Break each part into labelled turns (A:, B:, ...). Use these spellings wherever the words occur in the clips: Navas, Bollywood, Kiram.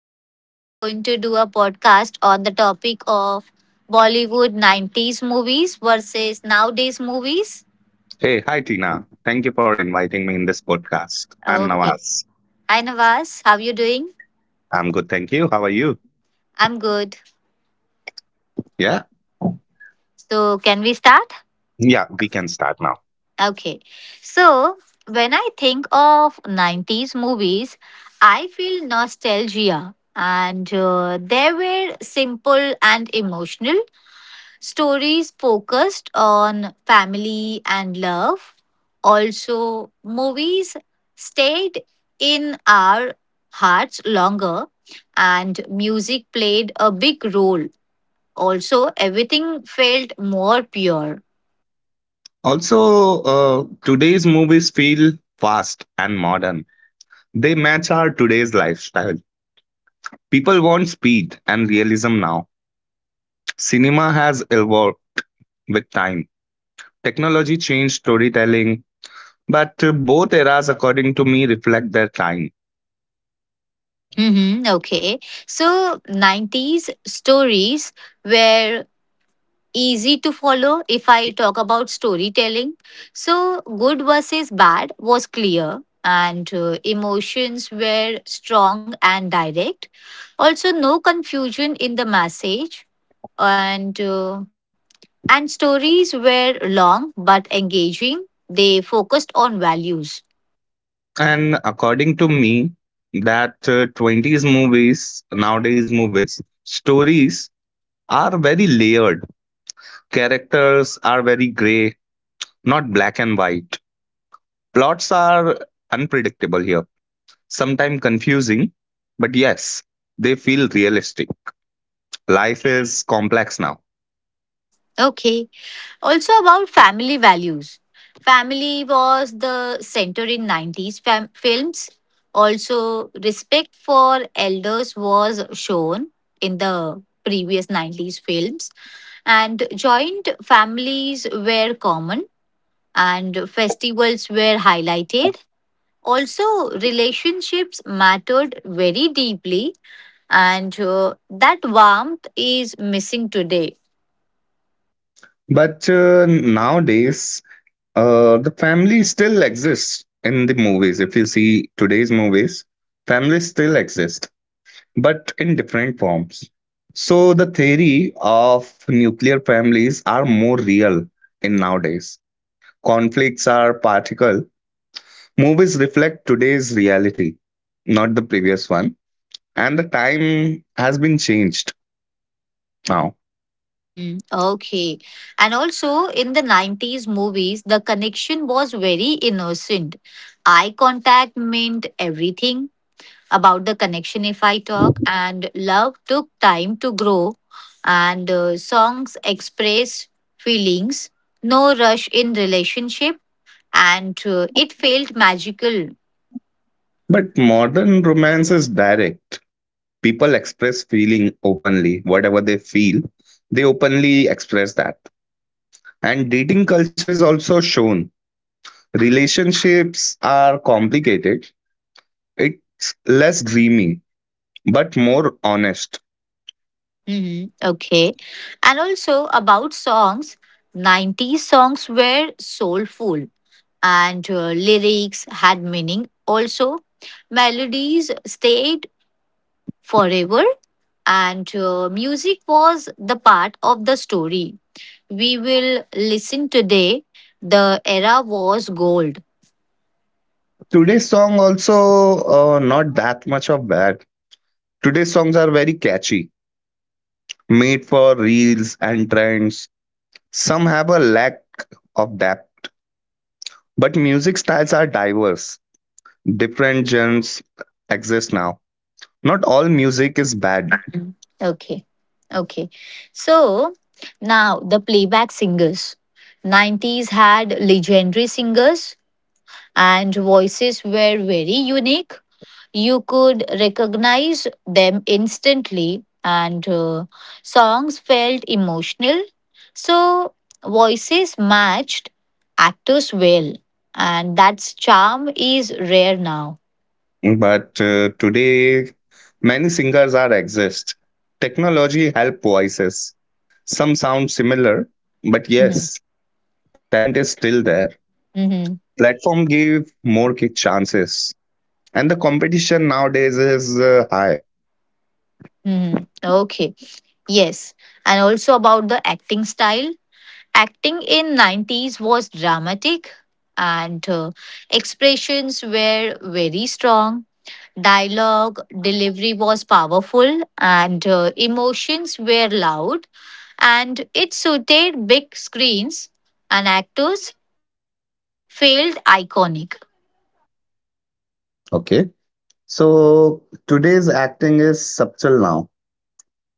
A: and we are going to do a podcast on the topic of Bollywood 90s movies versus nowadays movies.
B: Hey, hi Tina. Thank you for inviting me in this podcast. I'm
A: Okay.
B: Nawaz.
A: Hi, Navas. How you doing?
B: I'm good, thank you. How are you?
A: I'm good.
B: Yeah?
A: So, can we start?
B: Yeah, we can start now.
A: Okay. So, when I think of 90s movies, I feel nostalgia, and they were simple and emotional stories focused on family and love. Also, movies stayed in our hearts longer, and music played a big role. Also, everything felt more pure.
B: Also, today's movies feel fast and modern. They match our today's lifestyle. People want speed and realism now. Cinema has evolved with time. Technology changed storytelling, but both eras, according to me, reflect their time.
A: Hmm. Okay. So, 90s stories were easy to follow if I talk about storytelling. So, good versus bad was clear, and emotions were strong and direct. Also, no confusion in the message, and uh, and stories were long but engaging. They focused on values.
B: And according to me, that 20s movies, nowadays movies, stories are very layered. Characters are very gray, not black and white. Plots are unpredictable here, sometimes confusing, but yes, they feel realistic. Life is complex now.
A: Okay. Also about family values. Family was the center in 90s films. Also respect for elders was shown in the previous 90s films and joint families were common and festivals were highlighted. Also relationships mattered very deeply, and that warmth is missing today.
B: But nowadays, the family still exists in the movies. If you see today's movies, families still exist but in different forms. So the theory of nuclear families are more real in nowadays. Conflicts are particle. Movies reflect today's reality, not the previous one. And the time has been changed now.
A: Hmm. Okay. And also in the 90s movies, the connection was very innocent. Eye contact meant everything about the connection, if I talk, and love took time to grow, and songs express feelings, no rush in relationship, and it felt magical.
B: But modern romance is direct. People express feeling openly, whatever they feel, they openly express that. And dating culture is also shown. Relationships are complicated. It's less dreamy, but more honest.
A: Hmm. Okay. And also about songs, 90s songs were soulful, and lyrics had meaning. Also, melodies stayed forever, and music was the part of the story. We will listen today. The era was gold.
B: Today's song also not that much of bad. Today's songs are very catchy, made for reels and trends. Some have a lack of depth, but music styles are diverse. Different genres exist now. Not all music is bad,
A: Mm. Okay. Okay. So now the playback singers. 90s had legendary singers and voices were very unique. You could recognize them instantly, and songs felt emotional. So, voices matched actors well, and that's charm is rare now.
B: but today many singers are exist. Technology help voices. Some sound similar, but
A: Mhm.
B: yes, talent is still there.
A: Mhm.
B: Platform give more chances, and the competition nowadays is high.
A: Mhm. Okay, yes, and also about the acting style. Acting in 90s was dramatic, and expressions were very strong. Dialogue delivery was powerful, and emotions were loud and it suited big screens and actors felt iconic.
B: Okay, so today's acting is subtle now.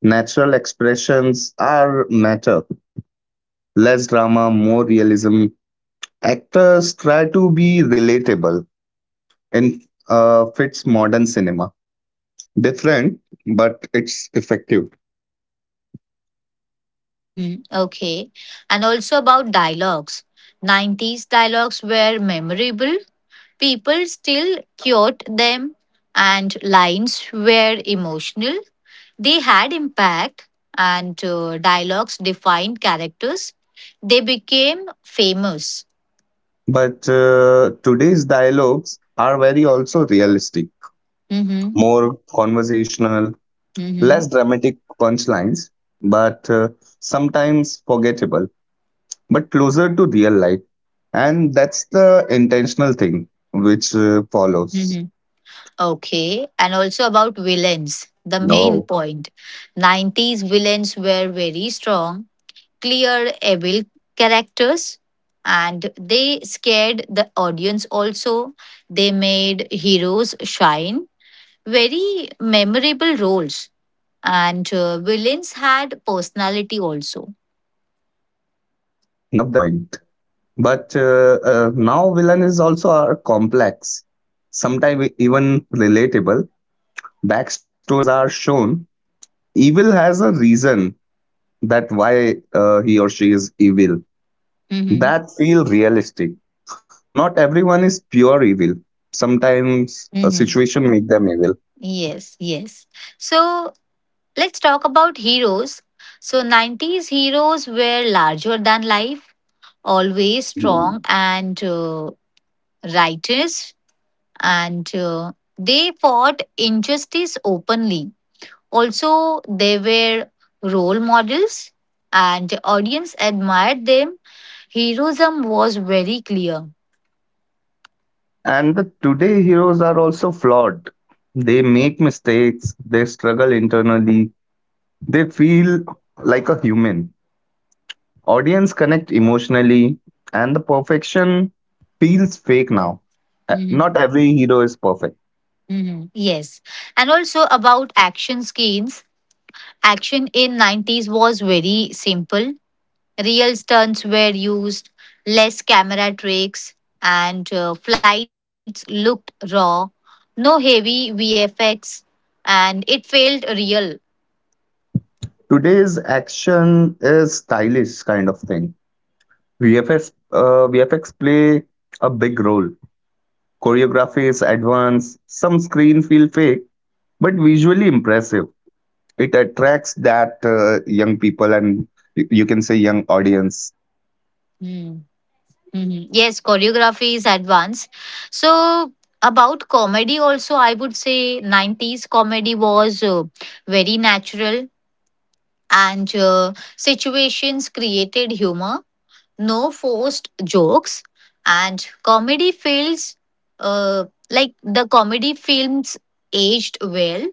B: Natural expressions are matter. Less drama, more realism. Actors try to be relatable and fits modern cinema. Different, but it's effective.
A: Mm-hmm. Okay. And also about dialogues. 90s dialogues were memorable. People still quote them, and lines were emotional. They had impact, and dialogues defined characters. They became famous.
B: But today's dialogues are very also realistic,
A: Mm-hmm.
B: more conversational,
A: Mm-hmm.
B: less dramatic punchlines, but sometimes forgettable, but closer to real life. And that's the intentional thing which follows.
A: Mm-hmm. Okay. And also about villains, the main
B: No.
A: point. 90s villains were very strong, clear evil characters, and they scared the audience also. They made heroes shine, very memorable roles, and villains had personality also.
B: Hmm, I love that point. But now villain is also are complex, sometimes even relatable. Backstories are shown. Evil has a reason that why he or she is evil.
A: Mm-hmm.
B: That feel realistic. Not everyone is pure evil. Sometimes a
A: Hmm.
B: situation make them evil.
A: Yes, yes. So let's talk about heroes. So 90s heroes were larger than life, always
B: Hmm.
A: strong and righteous. And they fought injustice openly. Also, they were role models and audience admired them. Heroism was very clear.
B: And the today heroes are also flawed. They make mistakes, they struggle internally, they feel like a human. Audience connect emotionally, and the perfection feels fake now.
A: Hmm.
B: Not every hero is perfect.
A: Hmm. Yes. And also about action scenes. Action in 90s was very simple. Real stunts were used, less camera tricks, and flights looked raw. No heavy VFX, and it felt real.
B: Today's action is stylish kind of thing. VFX play a big role. Choreography is advanced, some screen feel fake, but visually impressive. It attracts that young people and you can say young audience.
A: Mm. Mhm. Yes, choreography is advanced. So, about comedy, also, I would say 90s comedy was very natural, and situations created humor, no forced jokes, and comedy feels uh, like the comedy films aged well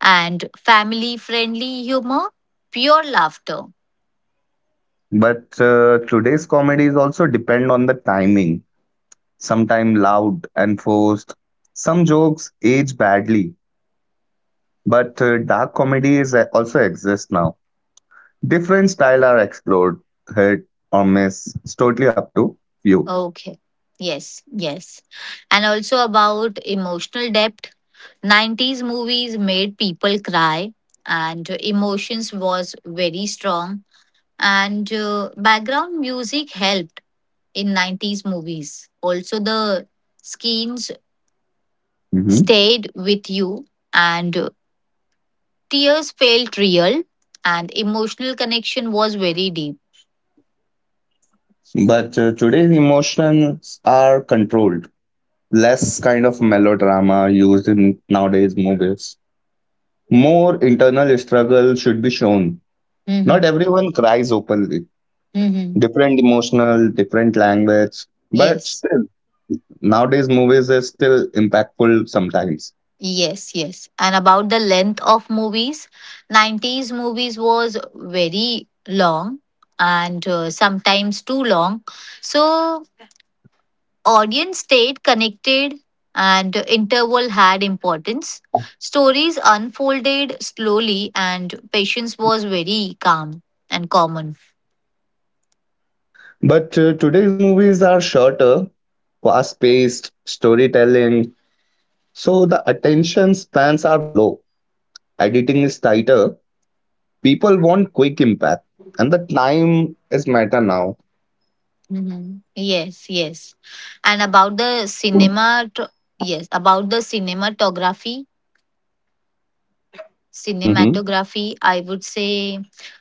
A: and family friendly humor, pure laughter.
B: But today's comedies also depend on the timing, sometimes loud and forced. Some jokes age badly, but dark comedy is also exists now. Different style are explored, hit or miss. It's totally up to you.
A: Okay. Yes, yes. And also about emotional depth. 90s movies made people cry and emotions was very strong, and background music helped in 90s movies. Also the scenes
B: Mhm.
A: stayed with you and tears felt real and emotional connection was very deep.
B: But today's emotions are controlled. Less kind of melodrama used in nowadays movies. More internal struggle should be shown.
A: Hmm.
B: Not everyone cries openly.
A: Hmm.
B: Different emotional, different language, but
A: Yes.
B: still, nowadays movies are still impactful sometimes.
A: Yes, yes. And about the length of movies, 90s movies was very long, and sometimes too long. So audience stayed connected and interval had importance. Stories unfolded slowly and patience was very calm and common.
B: But today's movies are shorter, fast paced, storytelling, so the attention spans are low. Editing is tighter. People want quick impact, and the time is matter now.
A: Mhm. Yes, yes. And about the cinema, yes, about the cinematography
B: Mm-hmm.
A: Cinematography, I would say.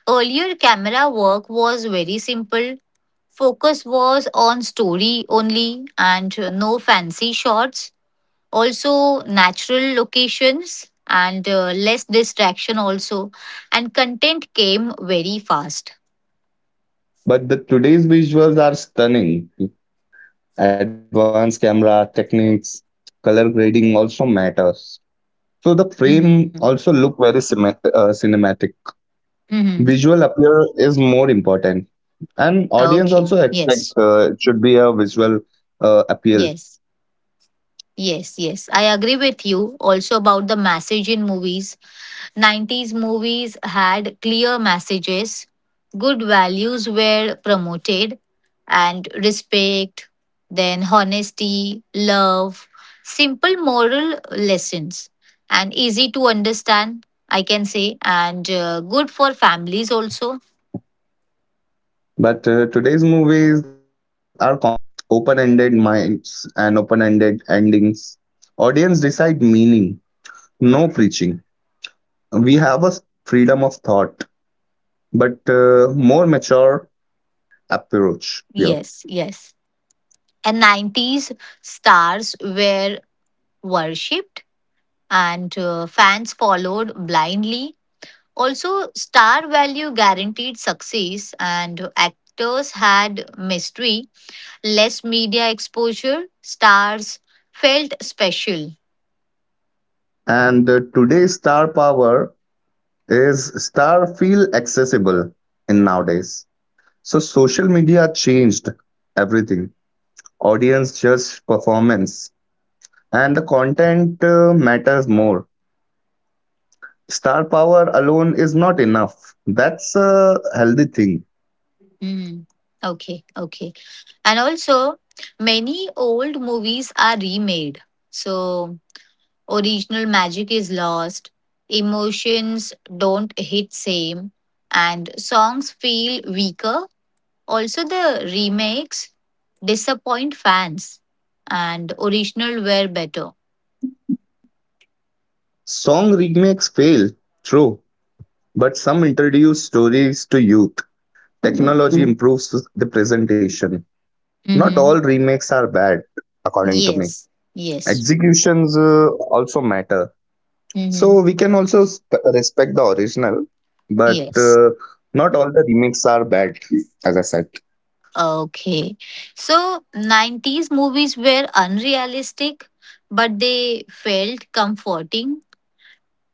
A: Earlier, camera work was very simple. Focus was on story only, and no fancy shots. Also, natural locations, and less distraction, also. And content came very fast.
B: But the today's visuals are stunning. Advanced camera techniques, color grading also matters. So the frame
A: Mm-hmm.
B: also look very cinematic.
A: Mm-hmm.
B: Visual appeal is more important, and audience
A: Okay.
B: also
A: Yes.
B: expect it should be a visual appeal.
A: Yes. Yes. Yes. I agree with you also about the message in movies. 90s movies had clear messages, good values were promoted, and respect, then honesty, love, simple moral lessons, and easy to understand, I can say, and good for families also.
B: But today's movies are complex, open-ended minds and open-ended endings. Audience decide meaning, no preaching. We have a freedom of thought but more mature approach here.
A: Yes, yes. And 90s stars were worshipped, and fans followed blindly. Also, star value guaranteed success, and actors had mystery, less media exposure, stars felt special.
B: And today's star power is star feel accessible in nowadays. So social media changed everything. Audience just performance and the content matters more. Star power alone is not enough. That's a healthy thing.
A: Mm. Okay, okay. And also, many old movies are remade. So, original magic is lost, emotions don't hit same, and songs feel weaker. Also, the remakes disappoint fans, and original were better.
B: Song remakes fail, true, but some introduce stories to youth. Technology improves the presentation. Not all
A: Mm-hmm.
B: remakes are bad, according to me.
A: Yes, yes.
B: Executions also matter.
A: Mm-hmm.
B: So we can also respect the original, but
A: Yes.
B: not all the remakes are bad, as I said.
A: Okay. So, 90s movies were unrealistic, but they felt comforting,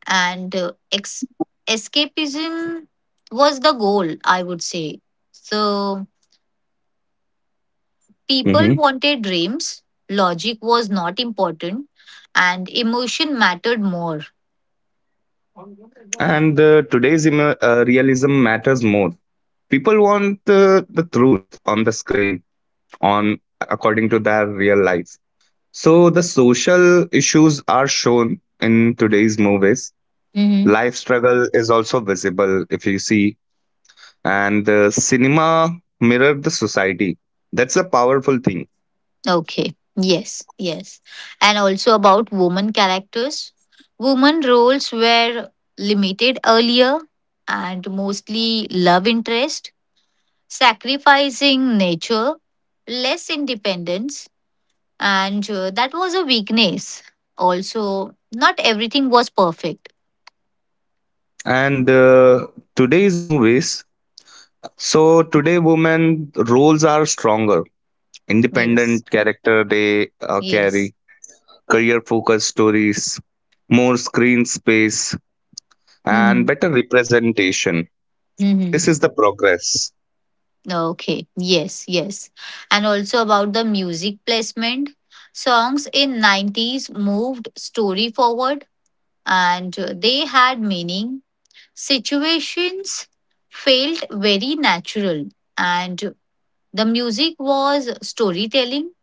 A: and escapism was the goal, I would say. So, people
B: Mhm.
A: wanted dreams, logic was not important, and emotion mattered more.
B: And today's realism matters more. People want the truth on the screen, on according to their real life. So the social issues are shown in today's movies.
A: Mm-hmm.
B: Life struggle is also visible if you see, and the cinema mirrored the society. That's a powerful thing.
A: Okay. Yes. Yes. And also about woman characters. Woman roles were limited earlier and mostly love interest, sacrificing nature, less independence, and that was a weakness. Also, not everything was perfect.
B: And today's movies, so today women roles are stronger.
A: Yes.
B: Independent character they
A: Yes.
B: carry career focused stories, more screen space and better representation.
A: Mm-hmm.
B: This is the progress.
A: Okay, yes, yes. And also about the music placement. Songs in 90s moved story forward and they had meaning. Situations felt very natural and the music was storytelling,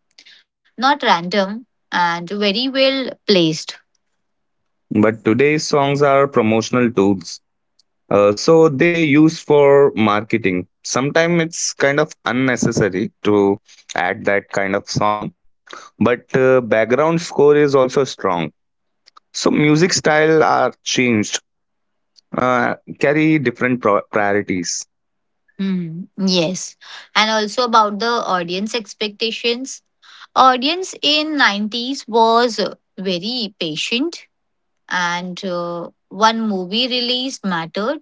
A: not random and very well placed.
B: But today's songs are promotional tools. So they use for marketing. Sometimes it's kind of unnecessary to add that kind of song, but background score is also strong. So music style are changed, carry different priorities.
A: Hmm. Yes. And also about the audience expectations. Audience in 90s was very patient, and one movie release mattered.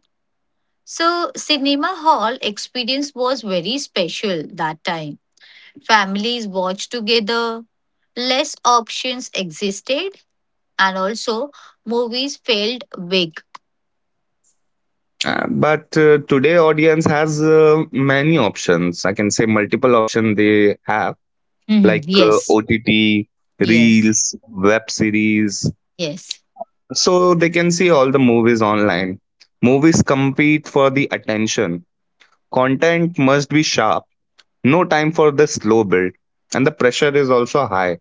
A: So, cinema hall experience was very special that time. Families watched together, less options existed, and also movies felt big.
B: But today audience has many options. I can say multiple options they have
A: Mhm.
B: like
A: Yes,
B: OTT,
A: yes,
B: reels, web series.
A: yes.
B: So they can see all the movies online. Movies compete for the attention. Content must be sharp. No time for the slow build. And the pressure is also high.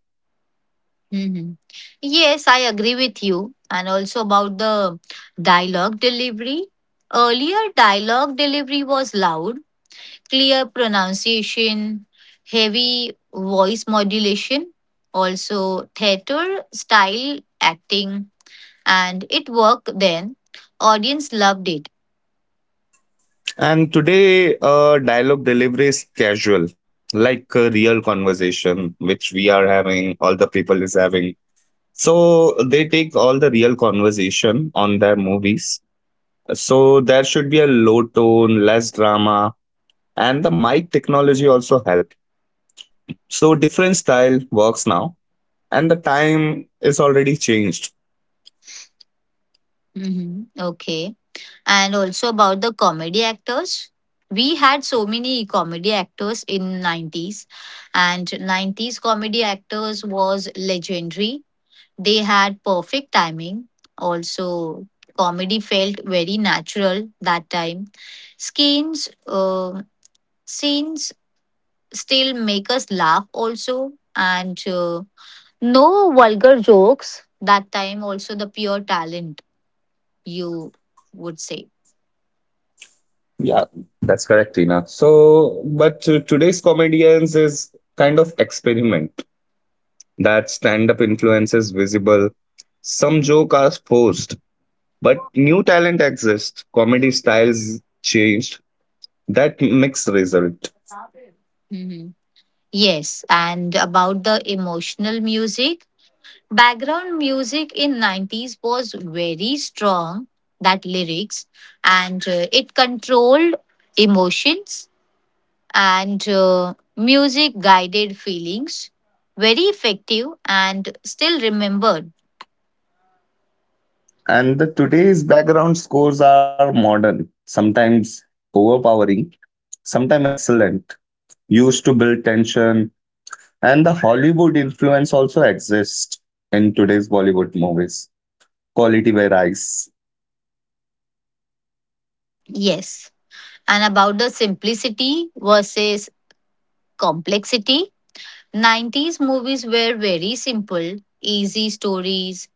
A: Mhm. Yes, I agree with you. And also about the dialogue delivery. Earlier, dialogue delivery was loud, clear pronunciation, heavy voice modulation, also theater style acting, and it worked then. Audience loved it.
B: And today, dialogue delivery is casual, like a real conversation, which we are having, all the people is having. So they take all the real conversation on their movies. So there should be a low tone, less drama, and the mic technology also help. So different style works now, and the time is already changed.
A: Hmm. Okay. And also about the comedy actors. We had so many comedy actors in 90s, and 90s comedy actors was legendary. They had perfect timing. Also, comedy felt very natural that time. Scenes, uh, scenes still make us laugh also, and no vulgar jokes that time. Also, the pure talent you would say.
B: Yeah, that's correct, Tina. So, but today's comedians is kind of experiment that stand-up influence is visible. Some joke are forced, but new talent exists. Comedy styles changed. That mix result.
A: Mhm. Yes, and about the emotional music. Background music in 90s was very strong, that lyrics, and it controlled emotions, and music guided feelings. Very effective and still remembered.
B: And the today's background scores are modern, sometimes overpowering, sometimes excellent, used to build tension. And the Hollywood influence also exists in today's Bollywood movies. Quality varies.
A: Yes. And about the simplicity versus complexity, 90s movies were very simple, easy stories,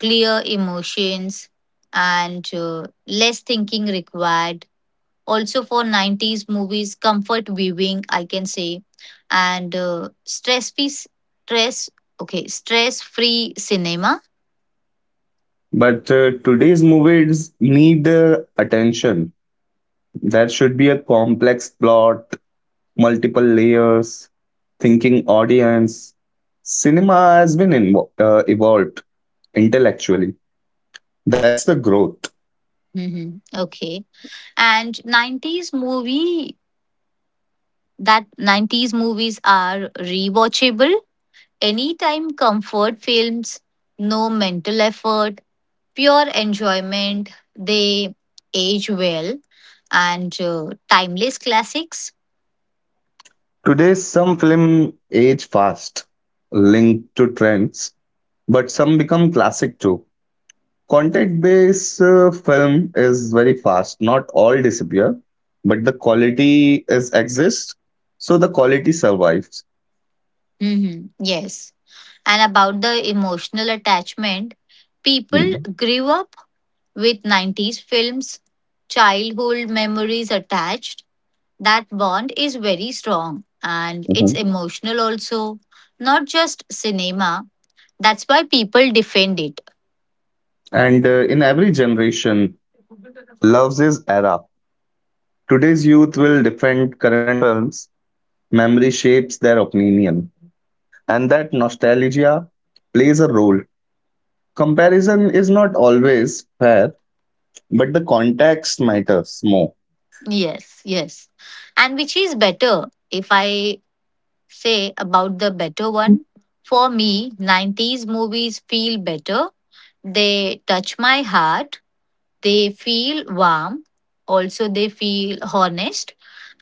A: clear emotions, and less thinking required, also for 90s movies comfort viewing I can say, and stress free stress. Okay, stress free cinema.
B: But today's movies need attention. There should be a complex plot, multiple layers, thinking audience. Cinema has been evolved intellectually. That's the growth.
A: Hmm. Okay. And that 90s movies are rewatchable anytime, comfort films, no mental effort, pure enjoyment, they age well, and timeless classics.
B: Today, some film age fast, linked to trends, but some become classic too. Content-based film is very fast. Not all disappear, but the quality is exists. So the quality survives.
A: Hmm. Yes. And about the emotional attachment. People
B: Mhm.
A: grew up with 90s films, childhood memories attached. That bond is very strong and it's
B: Mhm.
A: emotional also, not just cinema. That's why people defend it.
B: And in every generation, loves his era. Today's youth will defend current films. Memory shapes their opinion, and that nostalgia plays a role. Comparison is not always fair, but the context matters more.
A: Yes, yes. And which is better, if I say about the better one? For me, 90s movies feel better. They touch my heart. They feel warm, also, they feel honest.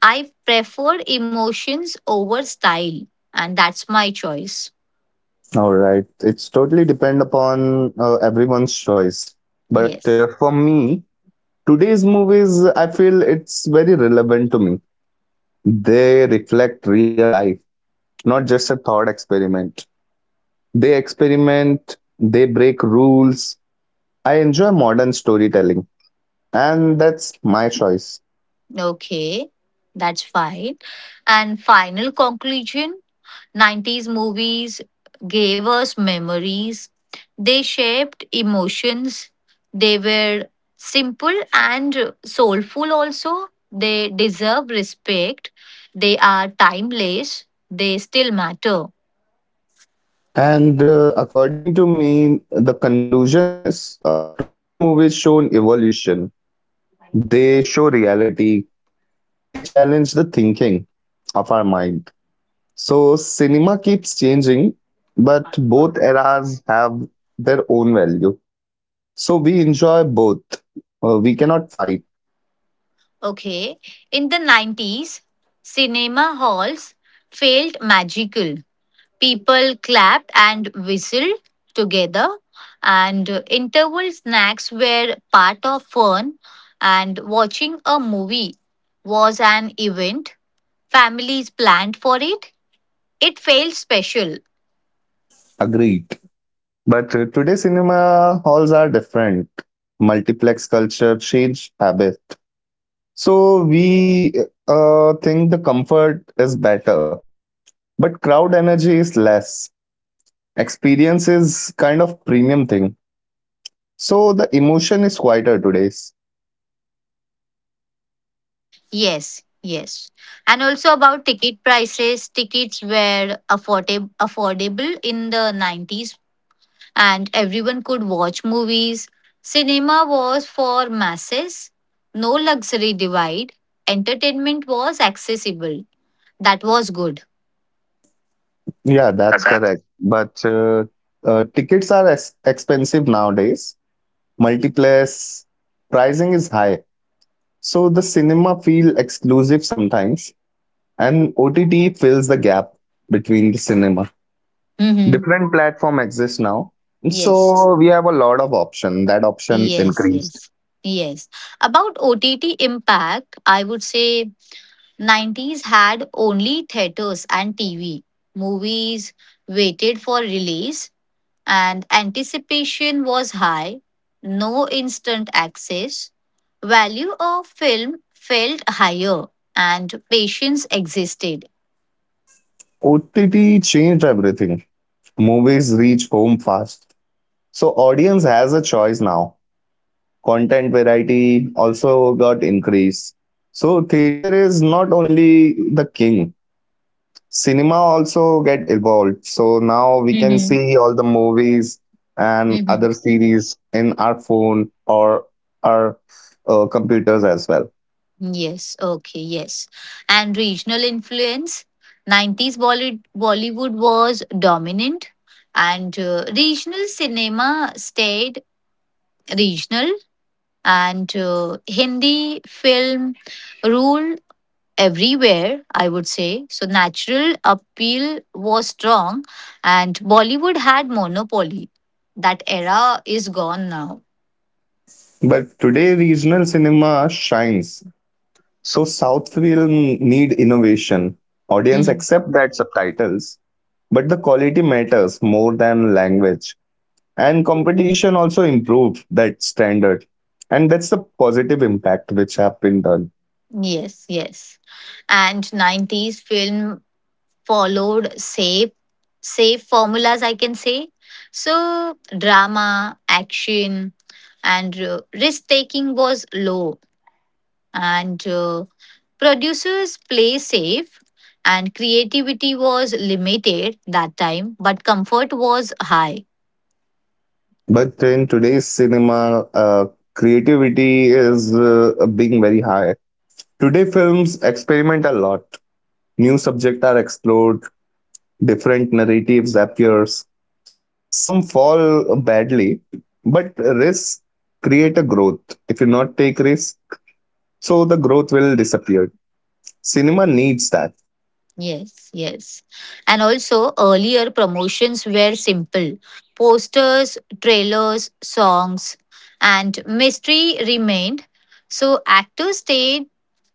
A: I prefer emotions over style, and that's my choice.
B: All right. It's totally depend upon everyone's choice. But
A: Yes.
B: for me, today's movies, I feel it's very relevant to me. They reflect real life, not just a thought experiment. They experiment, they break rules. I enjoy modern storytelling, and that's my choice.
A: Okay. That's fine. And final conclusion, 90s movies gave us memories, they shaped emotions, they were simple and soulful, also. They deserve respect, they are timeless, they still matter.
B: And according to me, the conclusion is today's movies show an evolution. They show reality. They challenge the thinking of our mind. So cinema keeps changing, but both eras have their own value. So we enjoy both. We cannot fight.
A: Okay. In the 90s, cinema halls felt magical. People clapped and whistled together, and interval snacks were part of fun, and watching a movie was an event. Families planned for it. It felt special.
B: Agreed. But today cinema halls are different. Multiplex culture change habit. So we think the comfort is better, but crowd energy is less. Experience is kind of premium thing. So the emotion is quieter today.
A: Yes, yes. And also about ticket prices, tickets were affordable in the 90s and everyone could watch movies. Cinema was for masses, no luxury divide. Entertainment was accessible. That was good.
B: Yeah, that's correct. But tickets are ex expensive nowadays. Multiplex pricing is high. So the cinema feel exclusive sometimes, and OTT fills the gap between the cinema.
A: Mm-hmm.
B: Different platform exists now.
A: Yes.
B: So we have a lot of option. That option
A: Yes.
B: increased.
A: Yes. Yes. About OTT impact, I would say 90s had only theaters and TV. Movies waited for release, and anticipation was high, no instant access, value of film felt higher, and patience existed.
B: OTT changed everything. Movies reach home fast. So audience has a choice now. Content variety also got increased. So theater is not only the king. Cinema also get evolved. So now we can
A: Mm-hmm.
B: see all the movies and
A: Mm-hmm.
B: other series in our phone or our computers as well.
A: Yes, okay, yes. And regional influence, 90s Bollywood was dominant, and regional cinema stayed regional, and Hindi film ruled everywhere, I would say. So natural appeal was strong and Bollywood had monopoly. That era is gone now.
B: But today regional cinema shines. So South film need innovation. Audience
A: Mm.
B: accept that subtitles, but the quality matters more than language. And competition also improved that standard, and that's the positive impact which have been done.
A: Yes, yes. And 90s film followed safe formulas I can say. So drama, action and risk taking was low, and producers play safe and creativity was limited that time, but comfort was high.
B: But in today's cinema creativity is being very high. Today films experiment a lot. New subjects are explored. Different narratives appears. Some fall badly, but risks create a growth. If you not take risks, so the growth will disappear. Cinema needs that.
A: Yes, yes. And also earlier promotions were simple, posters, trailers, songs, and mystery remained. So actors stayed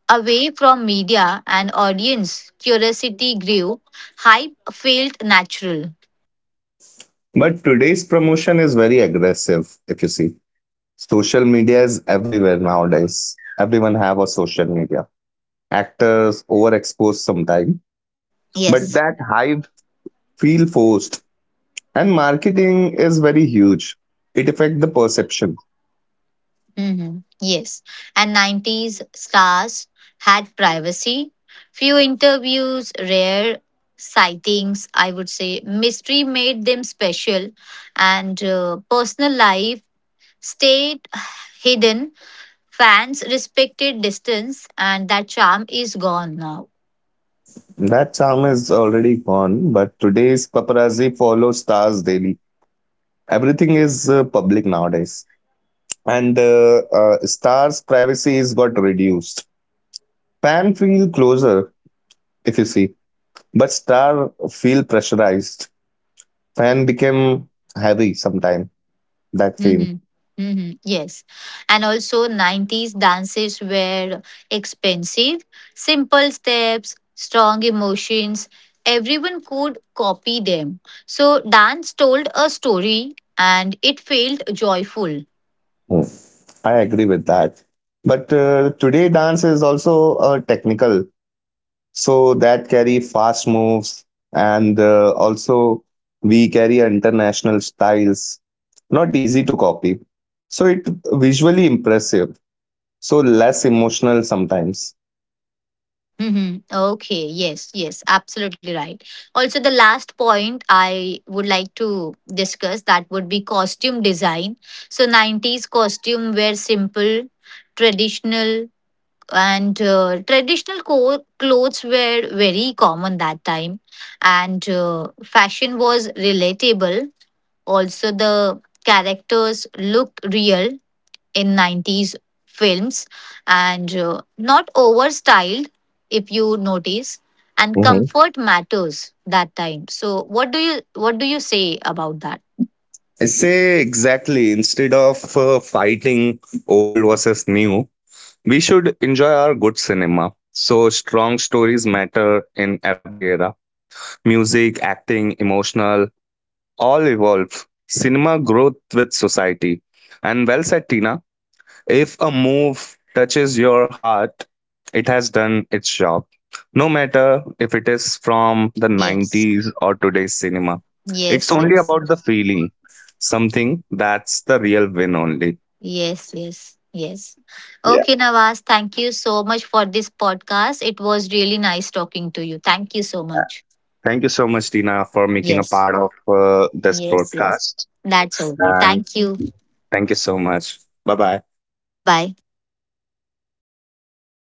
A: away from media and audience curiosity grew, hype felt natural.
B: But today's promotion is very aggressive, if you see. Social media is everywhere nowadays. Everyone have a social media. Actors overexposed sometimes, but
A: Yes.
B: that hype feel forced. And marketing is very huge. It affect the perception.
A: Hmm. Yes. And 90s stars had privacy, few interviews, rare sightings, I would say. Mystery made them special, and personal life stayed hidden. Fans respected distance, and that charm is gone now.
B: That charm is already gone, but today's paparazzi follow stars daily. Everything is public nowadays. And stars' privacy is got reduced. Fan feel closer, if you see. But star feel pressurized. Fan became heavy sometime, that fame.
A: Mm-hmm. Mm-hmm. Yes. And also 90s dances were expensive, simple steps, strong emotions. Everyone could copy them. So dance told a story and it felt joyful.
B: Hmm. I agree with that. But today dance is also technical, so that carry fast moves and also we carry international styles, not easy to copy. So it visually impressive, so less emotional sometimes.
A: Mm-hmm. Okay. Yes. Yes. Absolutely right. Also, the last point I would like to discuss that would be costume design. So 90s costume were simple, traditional, and traditional clothes were very common that time, and fashion was relatable, also the characters looked real in 90s films, and not over styled if you notice, and
B: Mhm.
A: comfort matters that time. So what do you say about that?
B: I say exactly instead of fighting old versus new. We should enjoy our good cinema. So strong stories matter in every era. Music, acting, emotional, all evolve. Cinema growth with society. And well said, Tina. If a move touches your heart, it has done its job. No matter if it is from the
A: Yes,
B: 90s or today's cinema, it's
A: yes,
B: only
A: yes.
B: about the feeling, something that's the real win only.
A: Yes, yes, yes.
B: Yeah.
A: Okay, Nawaz, thank you so much for this podcast. It was really nice talking to you. Thank you so much.
B: Thank you so much, Tina, for making a
A: Yes,
B: part of this
A: yes, yes.
B: broadcast.
A: That's okay.
B: And
A: Thank you.
B: thank you so much. Bye bye.
A: Bye bye.